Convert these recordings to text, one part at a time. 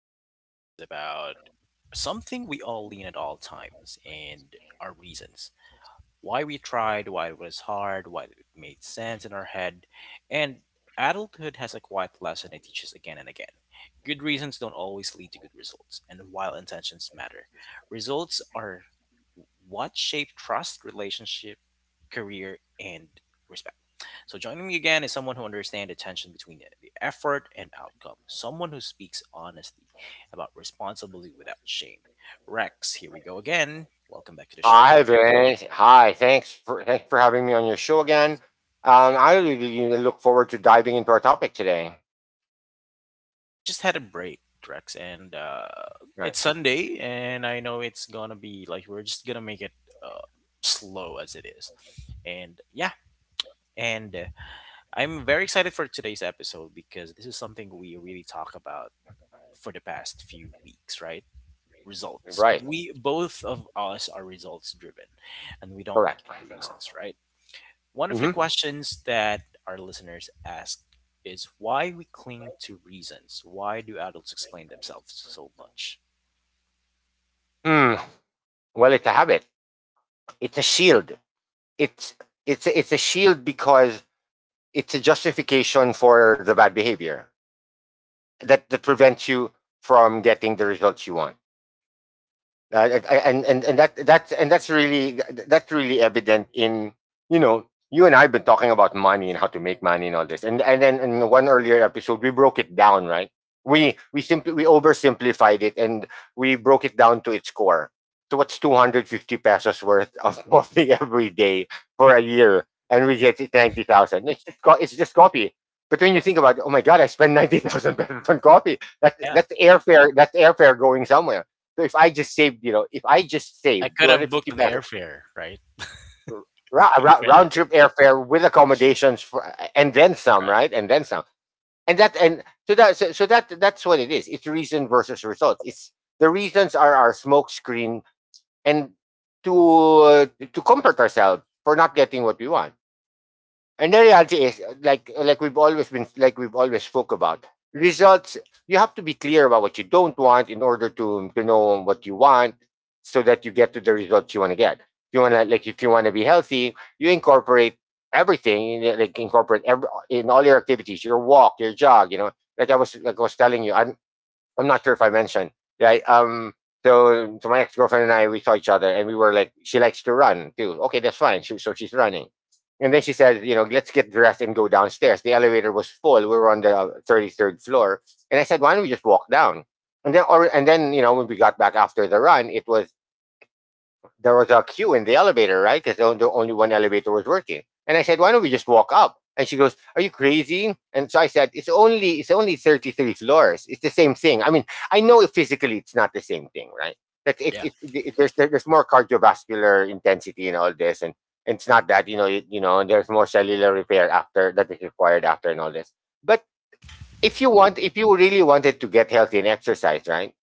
about something we all lean at all times and our reasons. Why we tried, why it was hard, why it made sense in our head. And adulthood has a quiet lesson it teaches again and again. Good reasons don't always lead to good results, and while intentions matter, results are what shape trust, relationship, career, and respect. So joining me again is someone who understands the tension between the effort and outcome, someone who speaks honestly about responsibility without shame. Rex, here we go again. Welcome back to the show. Hi, Vince. Hi. Thanks for having me on your show again. I really look forward to diving into our topic today. We just had a break, Rex, and Right. it's Sunday, and I know it's gonna be like we're just gonna make it uh, slow as it is, and yeah. And I'm very excited for today's episode because this is something we really talk about for the past few weeks, right? Results. Right. We both of us are results driven and we don't make Correct. any reasons, right? One of the hmm questions that our listeners ask is why we cling to reasons. Why do adults explain themselves so much? Hmm. Well, it's a habit. It's a shield. It's it's a shield because it's a justification for the bad behavior that prevents you from getting the results you want. And that's really evident in, you know, you and I've been talking about money and how to make money and all this, and then in one earlier episode we broke it down, right? We oversimplified it, and we broke it down to its core. So what's 250 pesos worth of coffee every day for a year? And we get it: 90,000. It's just coffee. But when you think about, oh my god, I spend 90,000 pesos on coffee, that Yeah. that's airfare, that's airfare going somewhere. So if I just saved, you know, if I just saved I could have booked 250 an pesos, airfare, right? Credit, round trip airfare with accommodations for, and then some, right. right? And then some. And that and so that so, so that that's what it is. It's reason versus results. It's, the reasons are our smokescreen and to, uh, to comfort ourselves for not getting what we want. And the reality is, like we've always spoke about results. You have to be clear about what you don't want in order to know what you want, so that you get to the results you want to get. You want to, like, if you want to be healthy, you incorporate everything. Like, incorporate every, in all your activities, your walk, your jog. You know, like I was telling you, I, I'm not sure if I mentioned. Right. So, so my ex girlfriend and I, we saw each other, and we were like, she likes to run too. Okay, that's fine. She, so she's running, and then she said, you know, let's get dressed and go downstairs. The elevator was full. We were on the 33rd floor, and I said, why don't we just walk down? And then, or and then, you know, when we got back after the run, it was, there was a queue in the elevator, right? Because the only one elevator was working. And I said, why don't we just walk up? And she goes, are you crazy? And so I said, it's only 33 floors. It's the same thing. I mean, I know physically it's not the same thing, right? That it, Yeah. it, it it there's more cardiovascular intensity and all this, and it's not that, you know, you know, there's more cellular repair after that is required after and all this. But if you want, if you really wanted to get healthy and exercise, right?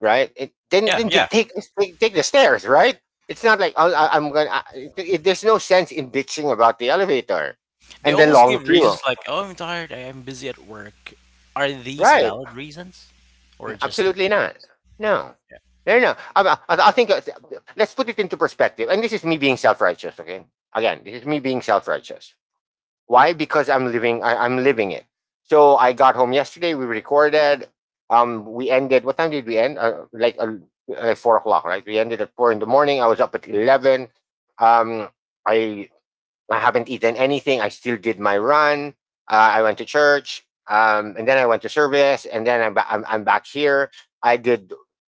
Right? It, then Yeah, then yeah. just take take the stairs, right? It's not like I'll, I- I'm gonna. I, it, there's no sense in bitching about the elevator They and the always long give queue, reasons like, "Oh, I'm tired. I am busy at work." Are these right? valid reasons or just? Absolutely not. No, Yeah. no. I think, let's put it into perspective. And this is me being self-righteous. Okay, again, this is me being self-righteous. Why? Because I'm living. I'm living it. So I got home yesterday. We recorded. We ended. What time did we end? 4 o'clock, right? We ended at four in the morning. I was up at 11. Um, I I haven't eaten anything. I still did my run. I went to church, and then I went to service, and then I'm back here. I did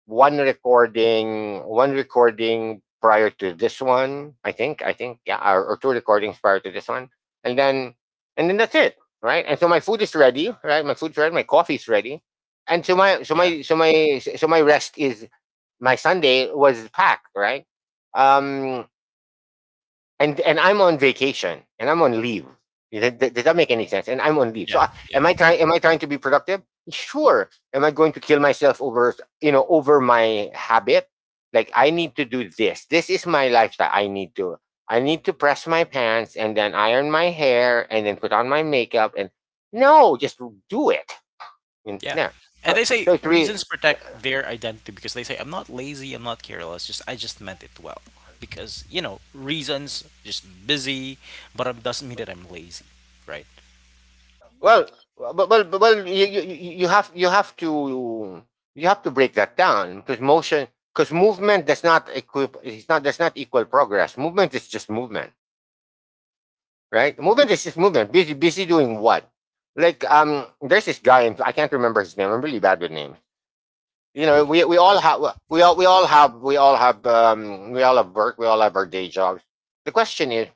one recording prior to this one. Yeah, or two recordings prior to this one, and then, and then that's it, right? And so my food is ready, right? My food's ready. My coffee's ready, and so my so Yeah. my so my so my rest is, my Sunday was packed, right? Um, and I'm on vacation and I'm on leave. Does that make any sense? And I'm on leave. So Yeah. I, Yeah. am I trying? Am I trying to be productive? Sure. Am I going to kill myself over, you know, over my habit? Like, I need to do this. This is my lifestyle. I need to. I need to press my pants and then iron my hair and then put on my makeup and, no, just do it. And, Yeah. no. And So they say so it's really, reasons protect their identity because they say I'm not lazy, I'm not careless, just I just meant it well. Because, you know, reasons just busy, but it doesn't mean that I'm lazy, right? well, but well you, you have, you have to, you have to break that down because motion, because movement does not equip it's not does not equal progress. Movement is just movement, right? Movement is just movement. Busy doing what? Like, there's this guy in, I can't remember his name. I'm really bad with names. You know, Who? We all have we all have we all have we all have work, we all have our day jobs. The question is,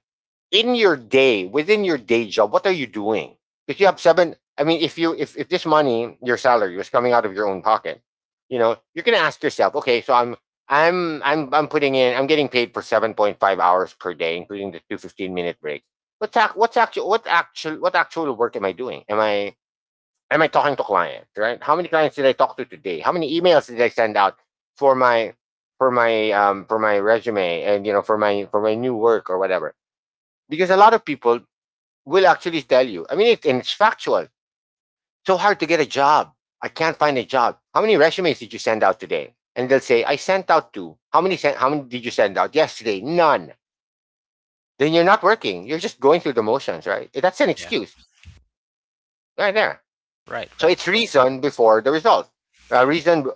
in your day, within your day job, what are you doing? If you have seven, I mean, if this money, your salary, was coming out of your own pocket, you know, you're going to ask yourself, okay, so I'm putting in, I'm getting paid for 7.5 hours per day, including the two 15-minute breaks. What's ac- what's actual what actual what actual work am I doing? Am I, am I talking to clients, right? How many clients did I talk to today? How many emails did I send out for my, for my resume, and, you know, for my new work or whatever? Because a lot of people will actually tell you. I mean, it, and it's factual. It's so hard to get a job. I can't find a job. How many resumes did you send out today? And they'll say, I sent out two. How many sent? How many did you send out yesterday? None. Then you're not working. You're just going through the motions, right? That's an Yeah. excuse right there. Right, So right. it's reason before the result. Uh, reason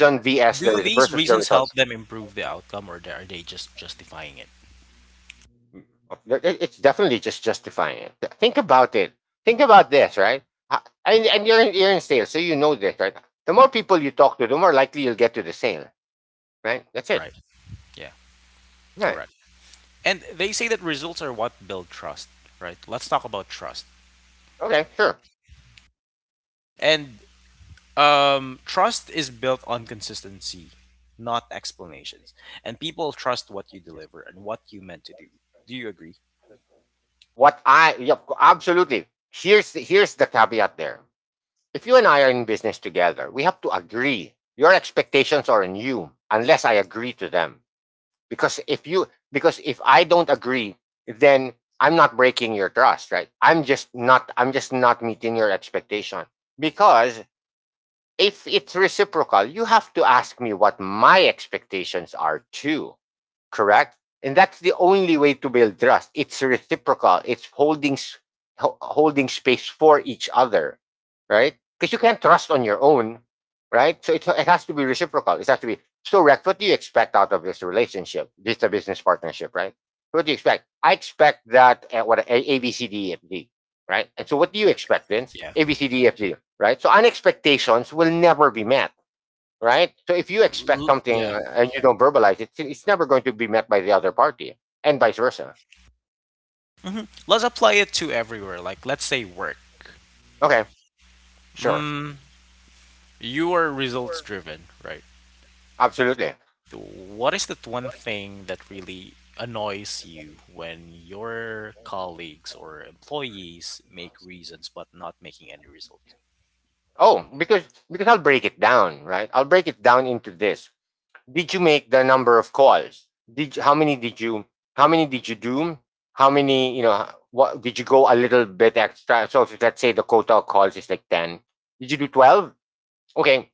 Uh, vs Do the these versus the reasons help results. them improve the outcome or are they just justifying it? It's definitely just justifying it. Think about it. Think about this, right? Uh, and you're, you're in sales, so you know this, right? The more people you talk to, the more likely you'll get to the sale, right? That's it. Right. Yeah, Right. correct. And they say that results are what build trust, right? Let's talk about trust. Okay, sure. And trust is built on consistency, not explanations. And people trust what you deliver and what you meant to do. Do you agree? Yep, absolutely. Here's the caveat there. If you and I are in business together, we have to agree. Your expectations are on you, unless I agree to them. Because, if you because if I don't agree, then I'm not breaking your trust, right? I'm just not meeting your expectation, because, if it's reciprocal, you have to ask me what my expectations are too. Correct? And that's the only way to build trust. It's reciprocal. It's holding space for each other, right? Because you can't trust on your own, right? So it has to be reciprocal. It has to be. So, Rex, what do you expect out of this relationship? This is a business partnership, right? What do you expect? I expect that, what, A B C D E F G, right? And so what do you expect, Vince? Yeah. A, B, C, D, E, F, G, right? So unexpectations will never be met, right? So if you expect something, Yeah. And you don't verbalize it, it's never going to be met by the other party and vice versa. Hmm. Let's apply it to everywhere. Like, let's say work. Okay, sure. Mm, you are results driven, right? Absolutely. What is that one thing that really annoys you when your colleagues or employees make reasons but not making any results? Oh, because I'll break it down, right? I'll break it down into this. Did you make the number of calls? Did you, how many did you, do? How many, you know, what, did you go a little bit extra? So if let's say the quota of calls is like 10, did you do 12? Okay,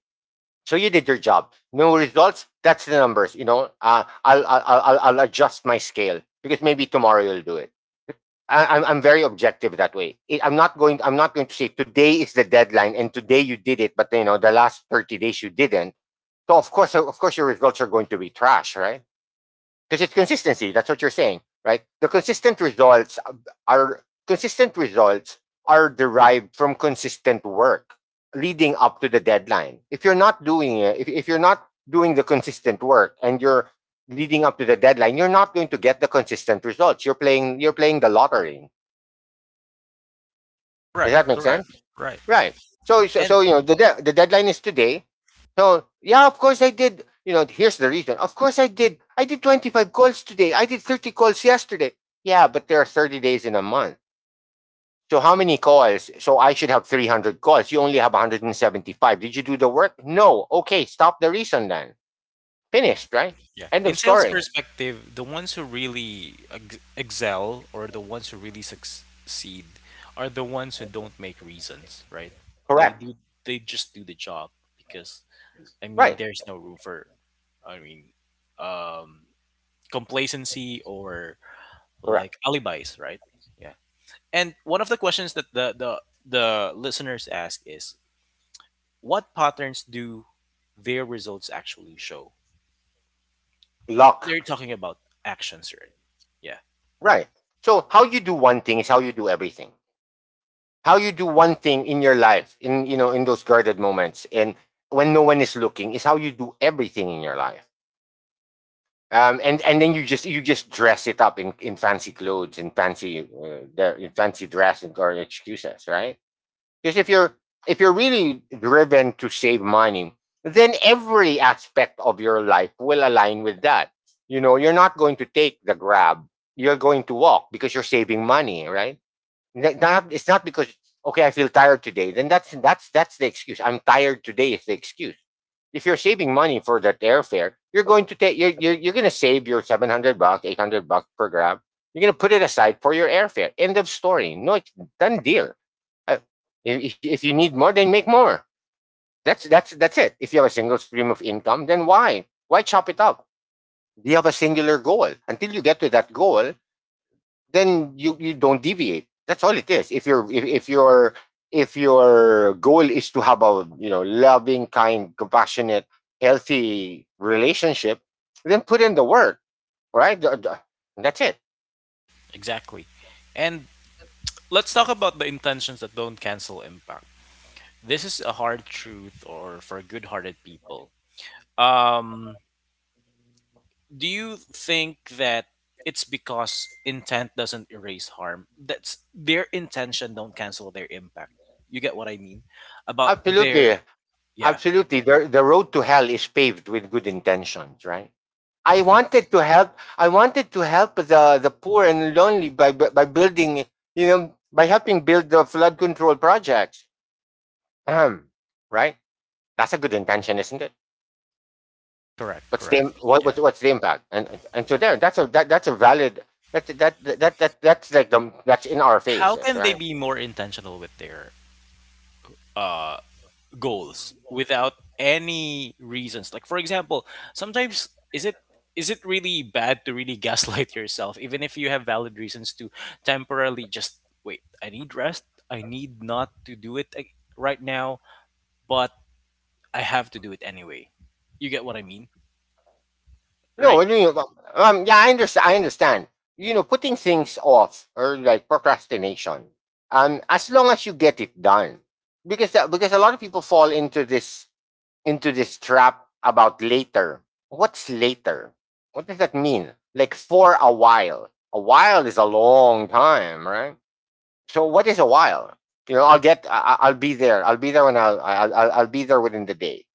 so you did your job. No results. That's the numbers. You know, I'll adjust my scale because maybe tomorrow you'll do it. I'm very objective that way. I'm not going, I'm not going to say today is the deadline and today you did it, but you know the last 30 days you didn't. So of course your results are going to be trash, right? Because it's consistency. That's what you're saying, right? The consistent results are, consistent results are derived from consistent work leading up to the deadline. If you're not doing it, if you're not doing the consistent work and you're leading up to the deadline, you're not going to get the consistent results. You're playing the lottery. Does Right, that make correct, sense? right. Right. So, And you know, the the deadline is today. So, yeah, of course I did. You know, here's the reason. Of course I did. I did 25 calls today. I did 30 calls yesterday. Yeah, but there are 30 days in a month. So how many calls? So I should have 300 calls. You only have 175. Did you do the work? No. Okay, stop the reason then. Finished, right? yeah. End of In sales story. perspective, the ones who really ex excel or the ones who really succeed are the ones who don't make reasons, right? They Correct. do they just do the job because I mean Right. there's no room for I mean um complacency or Correct. like alibis, right? Yeah. And one of the questions that the listeners ask is what patterns do their results actually show? Luck. They're talking about actions, right? Yeah. Right. So how you do one thing is how you do everything. How you do one thing in your life, in you know in those guarded moments and when no one is looking, is how you do everything in your life. And then you just dress it up in fancy clothes and fancy the- in fancy dress and or excuses, right? Because if you're really driven to save money, then every aspect of your life will align with that. You know, you're not going to take the grab, you're going to walk because you're saving money, right? Not, it's not because, okay, I feel tired today. Then that's that's the excuse. I'm tired today is the excuse. If you're saving money for that airfare, you're going to take you're going to save your $700, $800 per grab. You're going to put it aside for your airfare. End of story. No, it's done deal. Uh, if you need more, then make more. That's it. If you have a single stream of income, then why chop it up? Do you have a singular goal? Until you get to that goal, then you don't deviate. That's all it is. If your goal is to have a, you know, loving, kind, compassionate, healthy relationship, then put in the work, right? That's it. Exactly. And let's talk about the intentions that don't cancel impact. This is a hard truth or for good-hearted people. Um do you think that it's because intent doesn't erase harm? That's their intention don't cancel their impact. You get what I mean? About their Absolutely, yeah, absolutely. The road to hell is paved with good intentions, right? I wanted to help. I wanted to help the poor and lonely by building, you know, by helping build the flood control projects. Ahem, right? That's a good intention, isn't it? correct, What's correct. the Yeah. what's the impact? And so there, that's a that's a valid, that's like the that's in our How faces, can they right? be more intentional with their uh goals without any reasons. Like for example, sometimes is it really bad to really gaslight yourself even if you have valid reasons to temporarily just wait, I need rest. I need not to do it like, right now, but I have to do it anyway. You get what I mean, No, right? I mean, well, yeah, I understand. I understand. You know, putting things off or like procrastination. As long as you get it done, because a lot of people fall into this trap about later. What's later? What does that mean? Like for a while. A while is a long time, right? So what is a while? I'll be there. I'll be there when I'll be there within the day.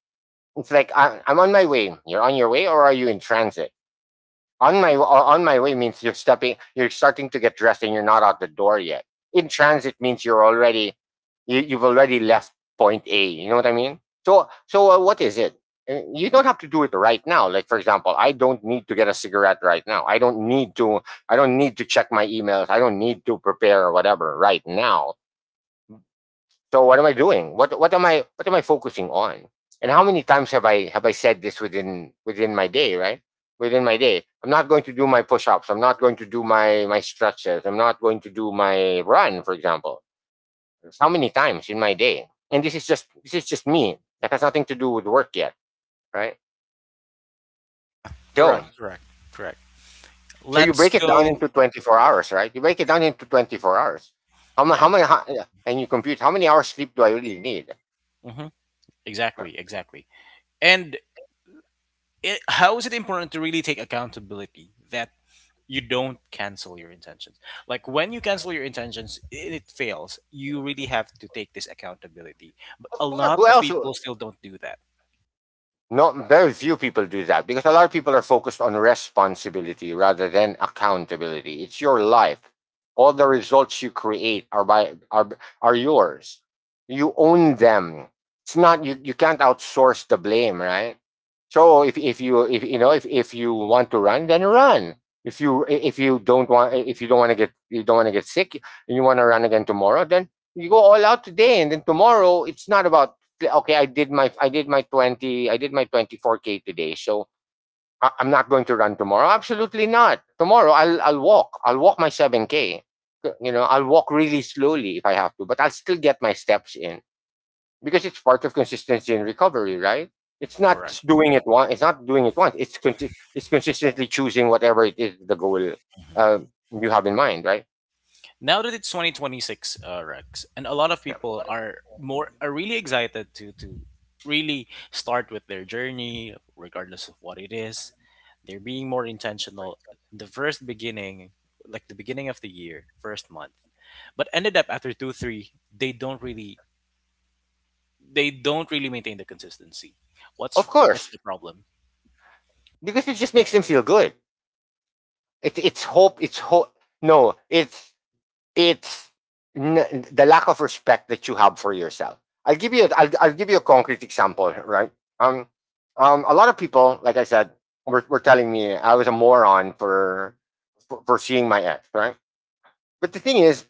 It's like I'm on my way. You're on your way, or are you in transit? On my way means you're stepping, you're starting to get dressed, and you're not out the door yet. In transit means you're already, you've already left point A. You know what I mean? So what is it? You don't have to do it right now. Like for example, I don't need to get a cigarette right now. I don't need to I don't need to check my emails. I don't need to prepare or whatever right now. So what am I doing? What am I, what am I focusing on? And how many times have I said this within my day, right? Within my day. I'm not going to do my push-ups. I'm not going to do my stretches. I'm not going to do my run, for example. How many times in my day? And this is just me. That has nothing to do with work yet, right? Correct, So correct, correct. so you Let's break it down go. into 24 hours, right? You break it down into 24 hours. Yeah. How, and you compute how many hours sleep do I really need? Hmm. Exactly, exactly. And it, how is it important to really take accountability that you don't cancel your intentions. Like when you cancel your intentions, and it fails. You really have to take this accountability. But Of a course, lot who of else? Who, people still don't do that. not very few people do that because a lot of people are focused on responsibility rather than accountability. It's your life. All the results you create are by are are yours. You own them. It's not you can't outsource the blame, right? So if you, if you know if you want to run, then run. If you don't want to get you don't want to get sick and you want to run again tomorrow, then you go all out today, and then tomorrow it's not about, okay, I did my 20 I did my 24K today. So I'm not going to run tomorrow. Absolutely not. Tomorrow I'll walk. I'll walk my 7K. You know, I'll walk really slowly if I have to, but I'll still get my steps in because it's part of consistency and recovery, right? It's not Correct. just doing it once. It's not doing it once. It's consistently choosing whatever it is the goal uh, you have in mind, right? Now that it's 2026, Rex, and a lot of Yeah. people are more are really excited to really start with their journey, regardless of what it is. They're being more intentional. The first beginning, like the beginning of the year, first month, but ended up after 2 3, they don't really maintain the consistency. Of What's course, the problem? because it just makes them feel good. It's hope. It's hope. No, it's n- the lack of respect that you have for yourself. I'll give you a concrete example, right? Um, a lot of people, like I said, were telling me I was a moron for, for seeing my ex, right? But the thing is,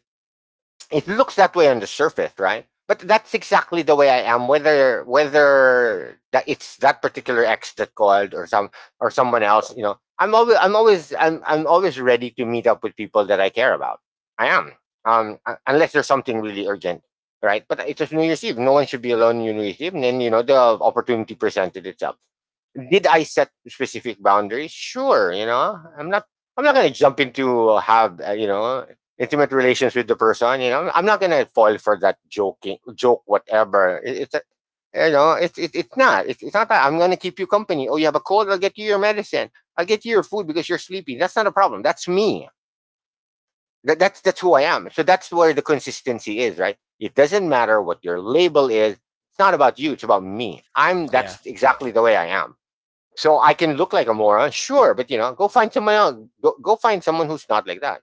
it looks that way on the surface, right? But that's exactly the way I am. Whether whether that it's that particular ex that called or someone else, you know, I'm always ready to meet up with people that I care about. I am, um, unless there's something really urgent, right? But it's just New Year's Eve. No one should be alone on New Year's Eve, and then, you know, the opportunity presented itself. Did I set specific boundaries? Sure, you know, I'm not gonna jump into have you know intimate relations with the person. You know, I'm not gonna fall for that joking joke, whatever. It, it's a, you know, it's it, it's not. It's not that I'm gonna keep you company. Oh, you have a cold. I'll get you your medicine. I'll get you your food because you're sleepy. That's not a problem. That's me. That's that's who I am. So that's where the consistency is, right? It doesn't matter what your label is. It's not about you. It's about me. I'm. Yeah, That's exactly the way I am. So I can look like a moron, sure, but you know, go find someone else. Go find someone who's not like that.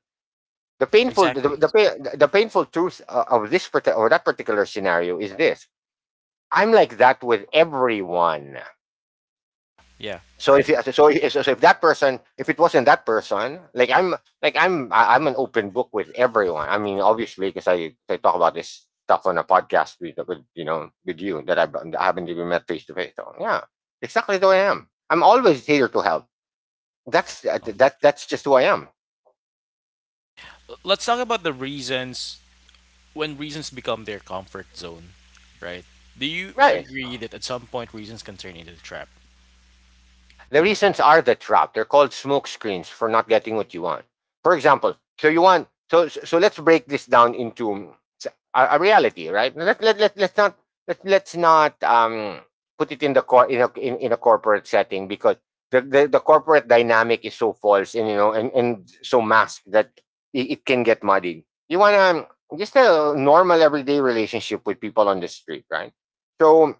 The painful, exactly. The painful truth of or that particular scenario is this: I'm like that with everyone. Yeah, So if right. you, so if that person, if it wasn't that person, I'm an open book with everyone. I mean obviously, because I talk about this stuff on a podcast with, you know, with you that I've, I haven't even met face to face. So yeah, exactly who I am. I'm always here to help. That's that Oh. that That's just who I am. Let's talk about the reasons when reasons become their comfort zone, right? Do you Right. agree that at some point reasons can turn into a trap? The reasons are the trap. They're called smoke screens for not getting what you want. For example, so you want, so let's break this down into a reality, right? Let's not let's not put it in the cor- in a in, in a corporate setting because the corporate dynamic is so false and you know and so masked that it can get muddied. You wanna just a normal everyday relationship with people on the street, right? So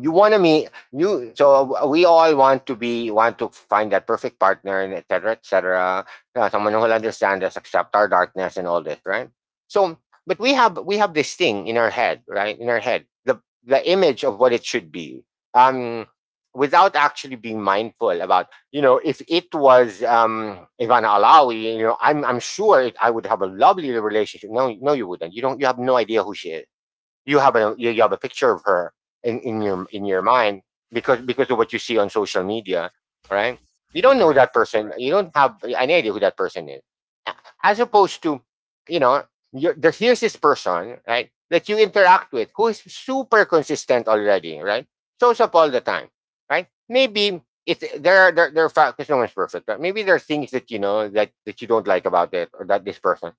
you want to meet, you so we all want to be want to find that perfect partner, and et cetera, et cetera, someone who will understand us, accept our darkness and all this, right? So but we have this thing in our head, right, in our head, the image of what it should be. um without actually being mindful about, you know, if it was Ivana Alawi, you know, I'm sure I would have a lovely relationship. No, no, you wouldn't. You don't, you have no idea who she is. You have a, you have a picture of her in your mind because of what you see on social media, right? You don't know Correct. that person. You don't have any idea who that person is, as opposed to, you know, you're, here's this person, right, that you interact with who is super consistent already, right? Shows up all the time, right? Maybe it's there are there are facts because no one's perfect, but maybe there are things that you know that you don't like about it or that this person.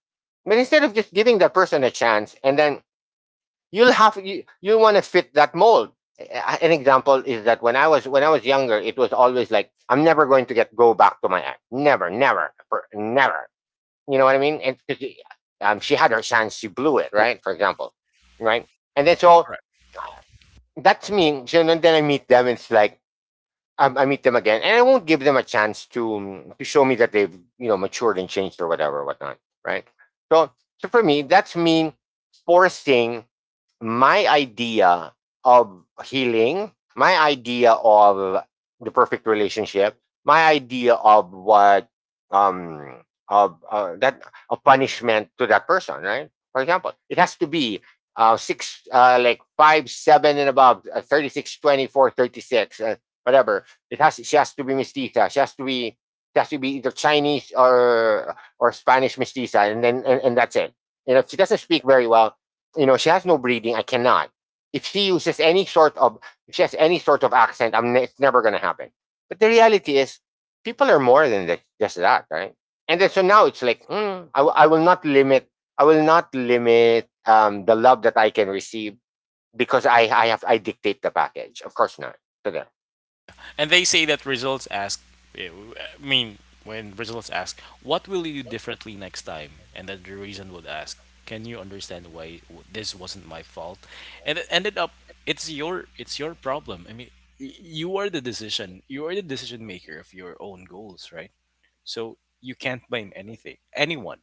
But instead of just giving that person a chance and then you'll have you want to fit that mold. An example is that when I was younger, it was always like I'm never going to get go back to my ex. Never, never, never. You know what I mean? And She had her chance, she blew it, right? For example, right? And then so that's me. So then I meet them. It's like I meet them again, and I won't give them a chance to show me that they've matured and changed or whatever, or whatnot, right? So, so for me, that's me forcing my idea of healing, my idea of the perfect relationship, my idea of what um of that a punishment to that person, right? For example, it has to be six like 5'7" and above, 36 24, 36, whatever it has she has to be mestiza. She has to be either Chinese or Spanish mestiza, and and that's it. And if she doesn't speak very well, you know, she has no breeding. I cannot. If she uses any sort of if she has any sort of accent, it's never going to happen. But the reality is, people are more than just that, right? And then so now it's like, hmm, I will not limit. I will not limit the love that I can receive because I dictate the package. Of course not. So there. And they say that results ask, I mean, when results ask, what will you do differently next time? And that the reason would ask, can you understand why this wasn't my fault? And it ended up, it's your problem. I mean, you are the decision, you are the decision maker of your own goals, right? So you can't blame anything, anyone,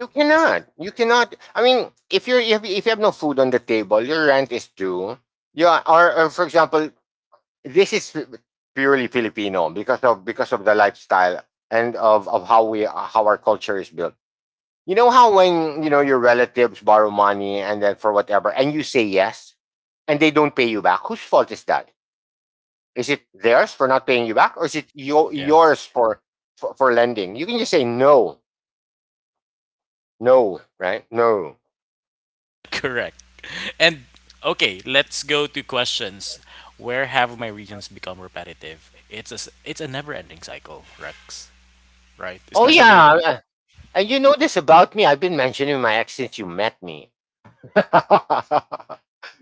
You right? cannot. You cannot. I mean, if you have no food on the table, your rent is due. You are, or for example, this is purely Filipino because of the lifestyle and of how we how our culture is built. You know how when you know your relatives borrow money and then for whatever and you say yes and they don't pay you back. Whose fault is that? Is it theirs for not paying you back or is it Yeah. yours for, for lending? You can just say no, no, right? No. Correct. And okay, let's go to questions. Where have my regions become repetitive? It's it's a never-ending cycle, Rex. Right? Oh Especially if, yeah, and you know this about me. I've been mentioning my ex since you met me.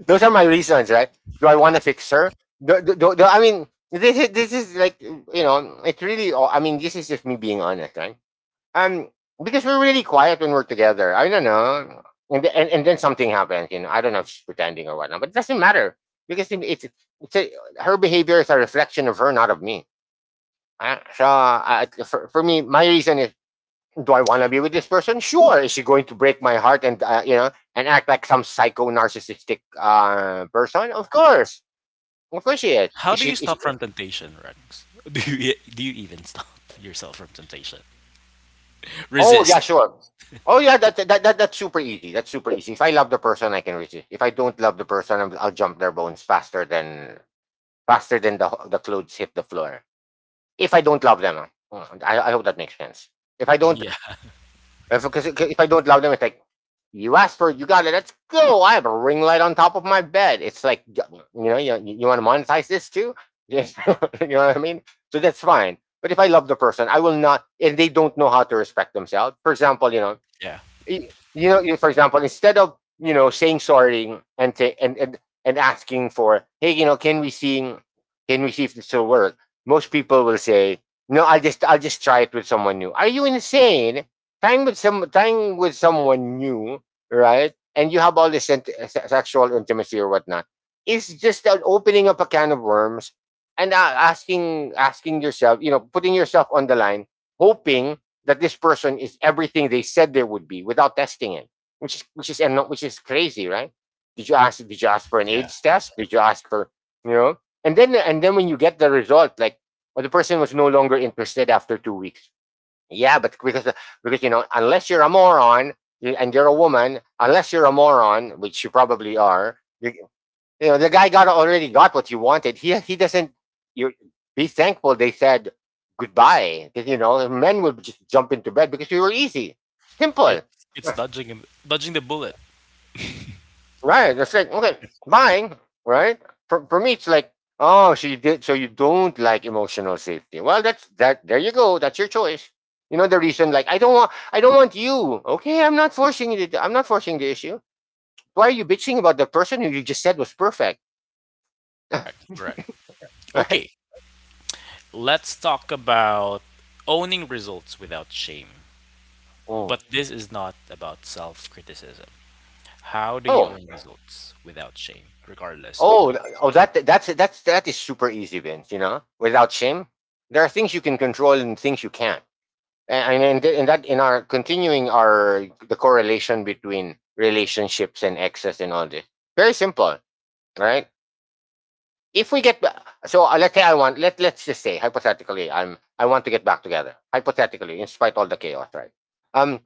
Those are my reasons, right? Do I want to fix her? I mean, this is like you know, it really. I mean, this is just me being honest, right? Um, because we're really quiet when we're together. I don't know, and then something happens. You know, I don't know if she's pretending or whatnot, but it doesn't matter because it's a, her behavior is a reflection of her, not of me. For me, my reason is do I want to be with this person? Sure. Is she going to break my heart and you know and act like some psycho narcissistic person? Of course she is. how do you stop from temptation, Rex? Do you even stop yourself from temptation? Oh yeah, Resist. sure. Oh yeah, that's super easy. That's super easy. If I love the person, I can resist. If I don't love the person, I'll jump their bones faster than the clothes hit the floor. If I don't love them, I hope that makes sense. If I don't, Yeah, if, 'cause- 'cause if I don't love them, it's like you asked for it, you got it. Let's go. I have a ring light on top of my bed. It's like, you know, you want to monetize this too? Yes. You know what I mean? So that's fine. But if I love the person, I will not, and they don't know how to respect themselves. For example, yeah, you know, for example, instead of saying sorry and ta- and asking for, hey, you know, can we see if this will work? Most people will say, no, I'll just try it with someone new. Are you insane? Trying with someone new, right? And you have all this sexual intimacy or whatnot. It's just an opening up a can of worms and asking yourself, you know, putting yourself on the line, hoping that this person is everything they said they would be without testing it, which is and no, which is crazy, right? Did you ask? Did you ask for an yeah. AIDS test? Did you ask for you know? And then when you get the result, like, oh, the person was no longer interested after 2 weeks. Yeah, but because you know, unless you're a moron and you're a woman, unless you're a moron, which you probably are, you know, the guy got already got what you wanted. He doesn't. You be thankful they said goodbye. You know, men would just jump into bed because you were easy, It simple. it's Yes. dodging dodging the bullet. Right? It's like okay, bye, right? For me, it's like oh, so you did, so you don't like emotional safety. Well, that's that. There you go. That's your choice. You know the reason, like I don't want you. Okay, I'm not forcing it. I'm not forcing the issue. Why are you bitching about the person who you just said was perfect, Correct. Correct. right? Okay, let's talk about owning results without shame. Oh, But this is not about self criticism. How do you oh, own results without shame, regardless of the oh, that's that is super easy, Vince. You know, without shame, there are things you can control and things you can't. And that in our continuing our the correlation between relationships and excess and all this, very simple, right? if we get ba- so Let's say I want let let's just say hypothetically I want to get back together hypothetically in spite of all the chaos, right, um,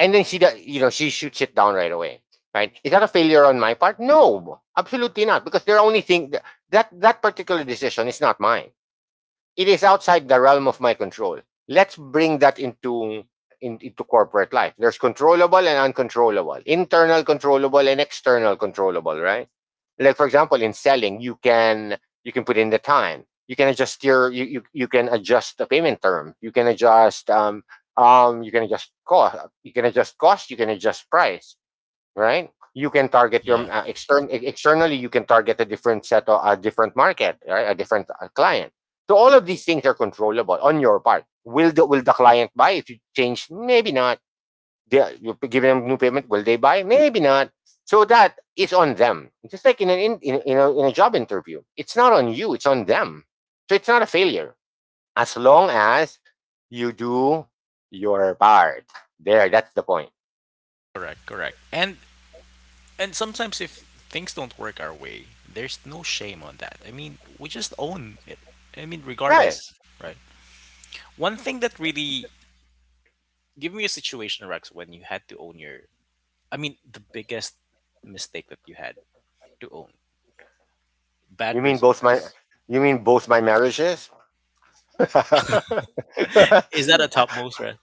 and then you know she shoots it down right away, right? Is that a failure on my part? No, absolutely not, because they're only thing that that particular decision is not mine. It is outside the realm of my control. Let's bring that into into corporate life. There's controllable and uncontrollable, internal controllable and external controllable, right? Like for example, in selling, you can put in the time, you can adjust your you can adjust the payment term, you can adjust cost, you can adjust price, right? You can target your yeah, externally. You can target a different set of a different market, right? A different client. So all of these things are controllable on your part. Will the client buy if you change? Maybe not. You give them new payment. Will they buy? Maybe not. So that is on them. Just like in an in a job interview, it's not on you. It's on them. So it's not a failure as long as you do your part. There, that's the point. correct, correct. And sometimes if things don't work our way, there's no shame on that. I mean, we just own it. I mean, regardless, Right. right? One thing that really give me a situation, Rex, when you had to own your I mean, the biggest mistake that you had to own. You Bad mean both my results. you mean both my marriages? Is that a topmost, right?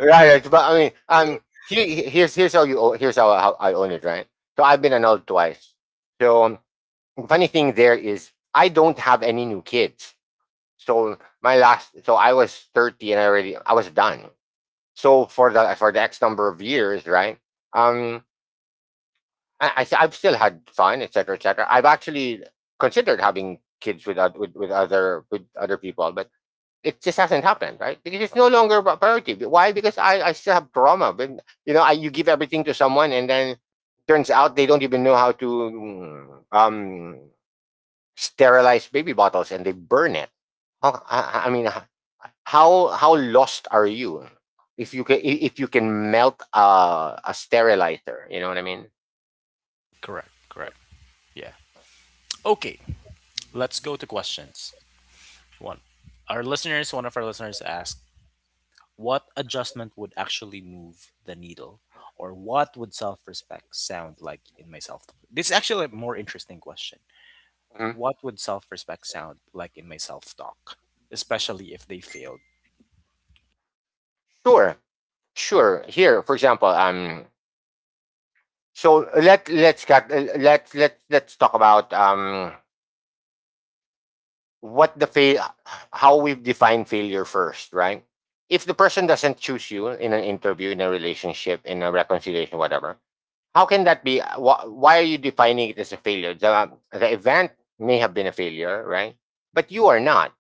Right, right, but I mean, here's how here's how I own it, right? So I've been annulled twice. So funny thing there is I don't have any new kids. So my last, so I was 30 and I was done. So for the X number of years, right? Um, I've still had fun, etc., cetera, etc. I've actually considered having kids with other people, but it just hasn't happened, right? Because it's no longer a priority. Why? Because I still have trauma. But you know, you give everything to someone, and then turns out they don't even know how to sterilize baby bottles, and they burn it. How, I mean, how lost are you if you can melt a sterilizer? You know what I mean? Correct, correct. Yeah. Okay, let's go to questions. One. Our listeners, one of our listeners asked, what adjustment would actually move the needle? Or what would self respect sound like in my self talk? This is actually a more interesting question. Mm-hmm. What would self respect sound like in my self talk? Especially if they failed. Sure, sure. Here, for example, so let let's get let let let's talk about what the fail how we've defined failure first, right? If the person doesn't choose you in an interview, in a relationship, in a reconciliation, whatever, how can that be? Why are you defining it as a failure? The event may have been a failure, right? But you are not.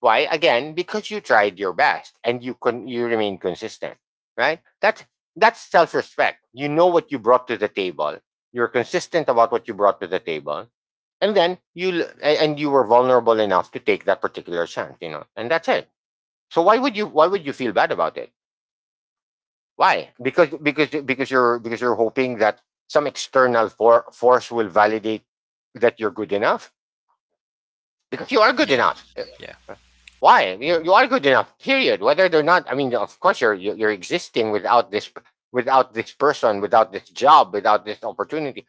Why? Again, because you tried your best and you remain consistent, right? That's self-respect. You know what you brought to the table. You're consistent about what you brought to the table, and then and you were vulnerable enough to take that particular chance, you know. And that's it. So why would you feel bad about it? Why? Because you're hoping that some force will validate that you're good enough because you are good Yeah. enough. Yeah. Why you you are good enough? Period. Whether they're not, I mean, of course you're existing without this without this person, without this job, without this opportunity.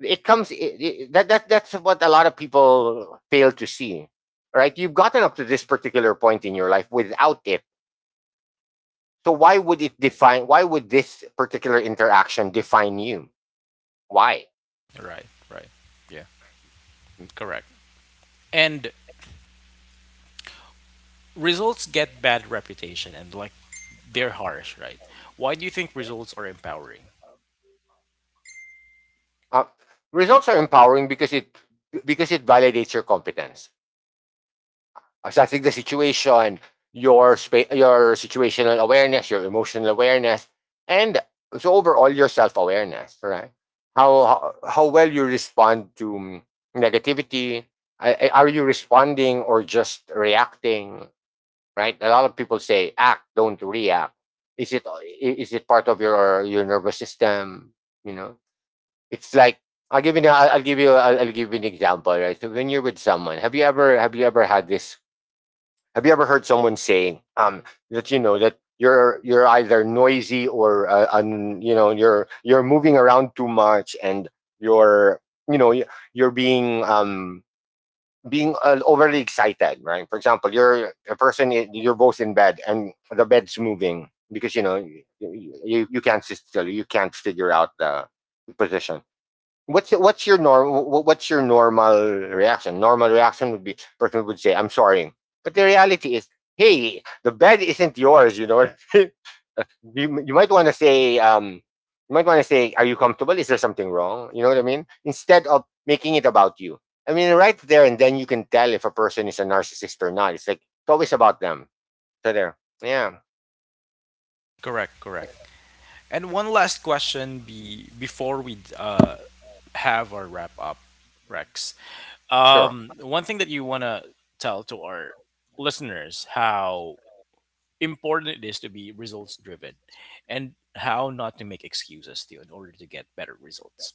It comes that that's what a lot of people fail to see. Right? You've gotten up to this particular point in your life without it. So why would it define? Why would this particular interaction define you? Why? Right. Right. Yeah. Correct. And results get bad reputation and like they're harsh, right? Why do you think results are empowering? Uh, results are empowering because it validates your competence. So I think the situation, your situational awareness, your emotional awareness, and so overall your self awareness, right? How, how well you respond to negativity? Are you responding or just reacting? Right? A lot of people say act, don't react. Is is it part of your nervous system? You know, it's like I'll give you. An- I'll give you. I'll give you an example. Right. So when you're with someone, have you ever had this, have you ever heard someone saying that you know that you're either noisy or you know you're moving around too much and you're you know you're being overly excited, right? For example, you're a person I- you're both in bed and the bed's moving because you know you, you can't sit still, you can't figure out the position. What's your norm? What's your normal reaction? Normal reaction would be person would say, "I'm sorry," but the reality is, hey, the bed isn't yours. You know, you might want to say, you might want to say, "Are you comfortable? Is there something wrong?" You know what I mean? Instead of making it about you. I mean, right there and then you can tell if a person is a narcissist or not. It's like it's always about them. So there, yeah, Correct, correct. And one last question be before we have our wrap up, Rex. sure. One thing that you want to tell to our listeners how important it is to be results driven and how not to make excuses to in order to get better results.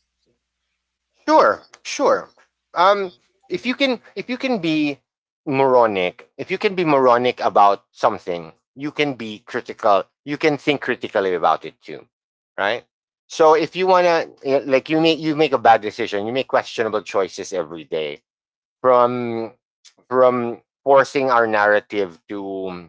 Sure, sure. Um, if you can be moronic, if you can be moronic about something, you can be critical. You can think critically about it too, right? So if you wanna, eh, like, you make a bad decision, you make questionable choices every day from forcing our narrative to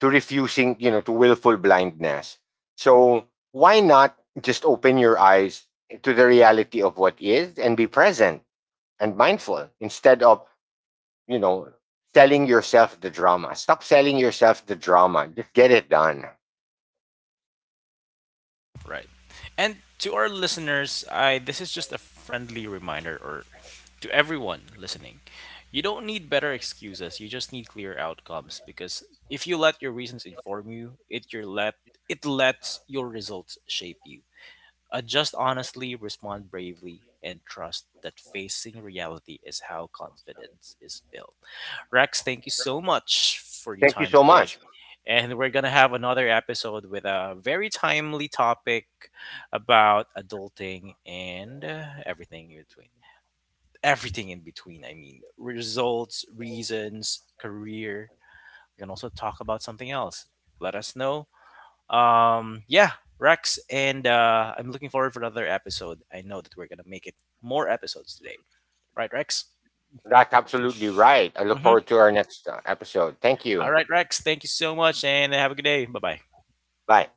refusing, you know, to willful blindness. So why not just open your eyes to the reality of what is and be present and mindful instead of, you know, selling yourself the drama. Stop selling yourself the drama. Just get it done. Right. And to our listeners, I this is just a friendly reminder or to everyone listening. You don't need better excuses, you just need clear outcomes because if you let your reasons inform you, it your let it lets your results shape you. Adjust honestly, respond bravely, and trust that facing reality is how confidence is built. Rex, thank you so much for your Thank you time so today much. and we're gonna have another episode with a very timely topic about adulting and everything in between. Everything in between. I mean, results, reasons, career. We can also talk about something else. Let us know. Yeah, Rex, and I'm looking forward for another episode. I know that we're gonna make it more episodes today, right, Rex? That's absolutely right. I look Mm-hmm. forward to our next episode. Thank All you. right, Rex. Thank you so much, and have a good day. Bye bye. Bye.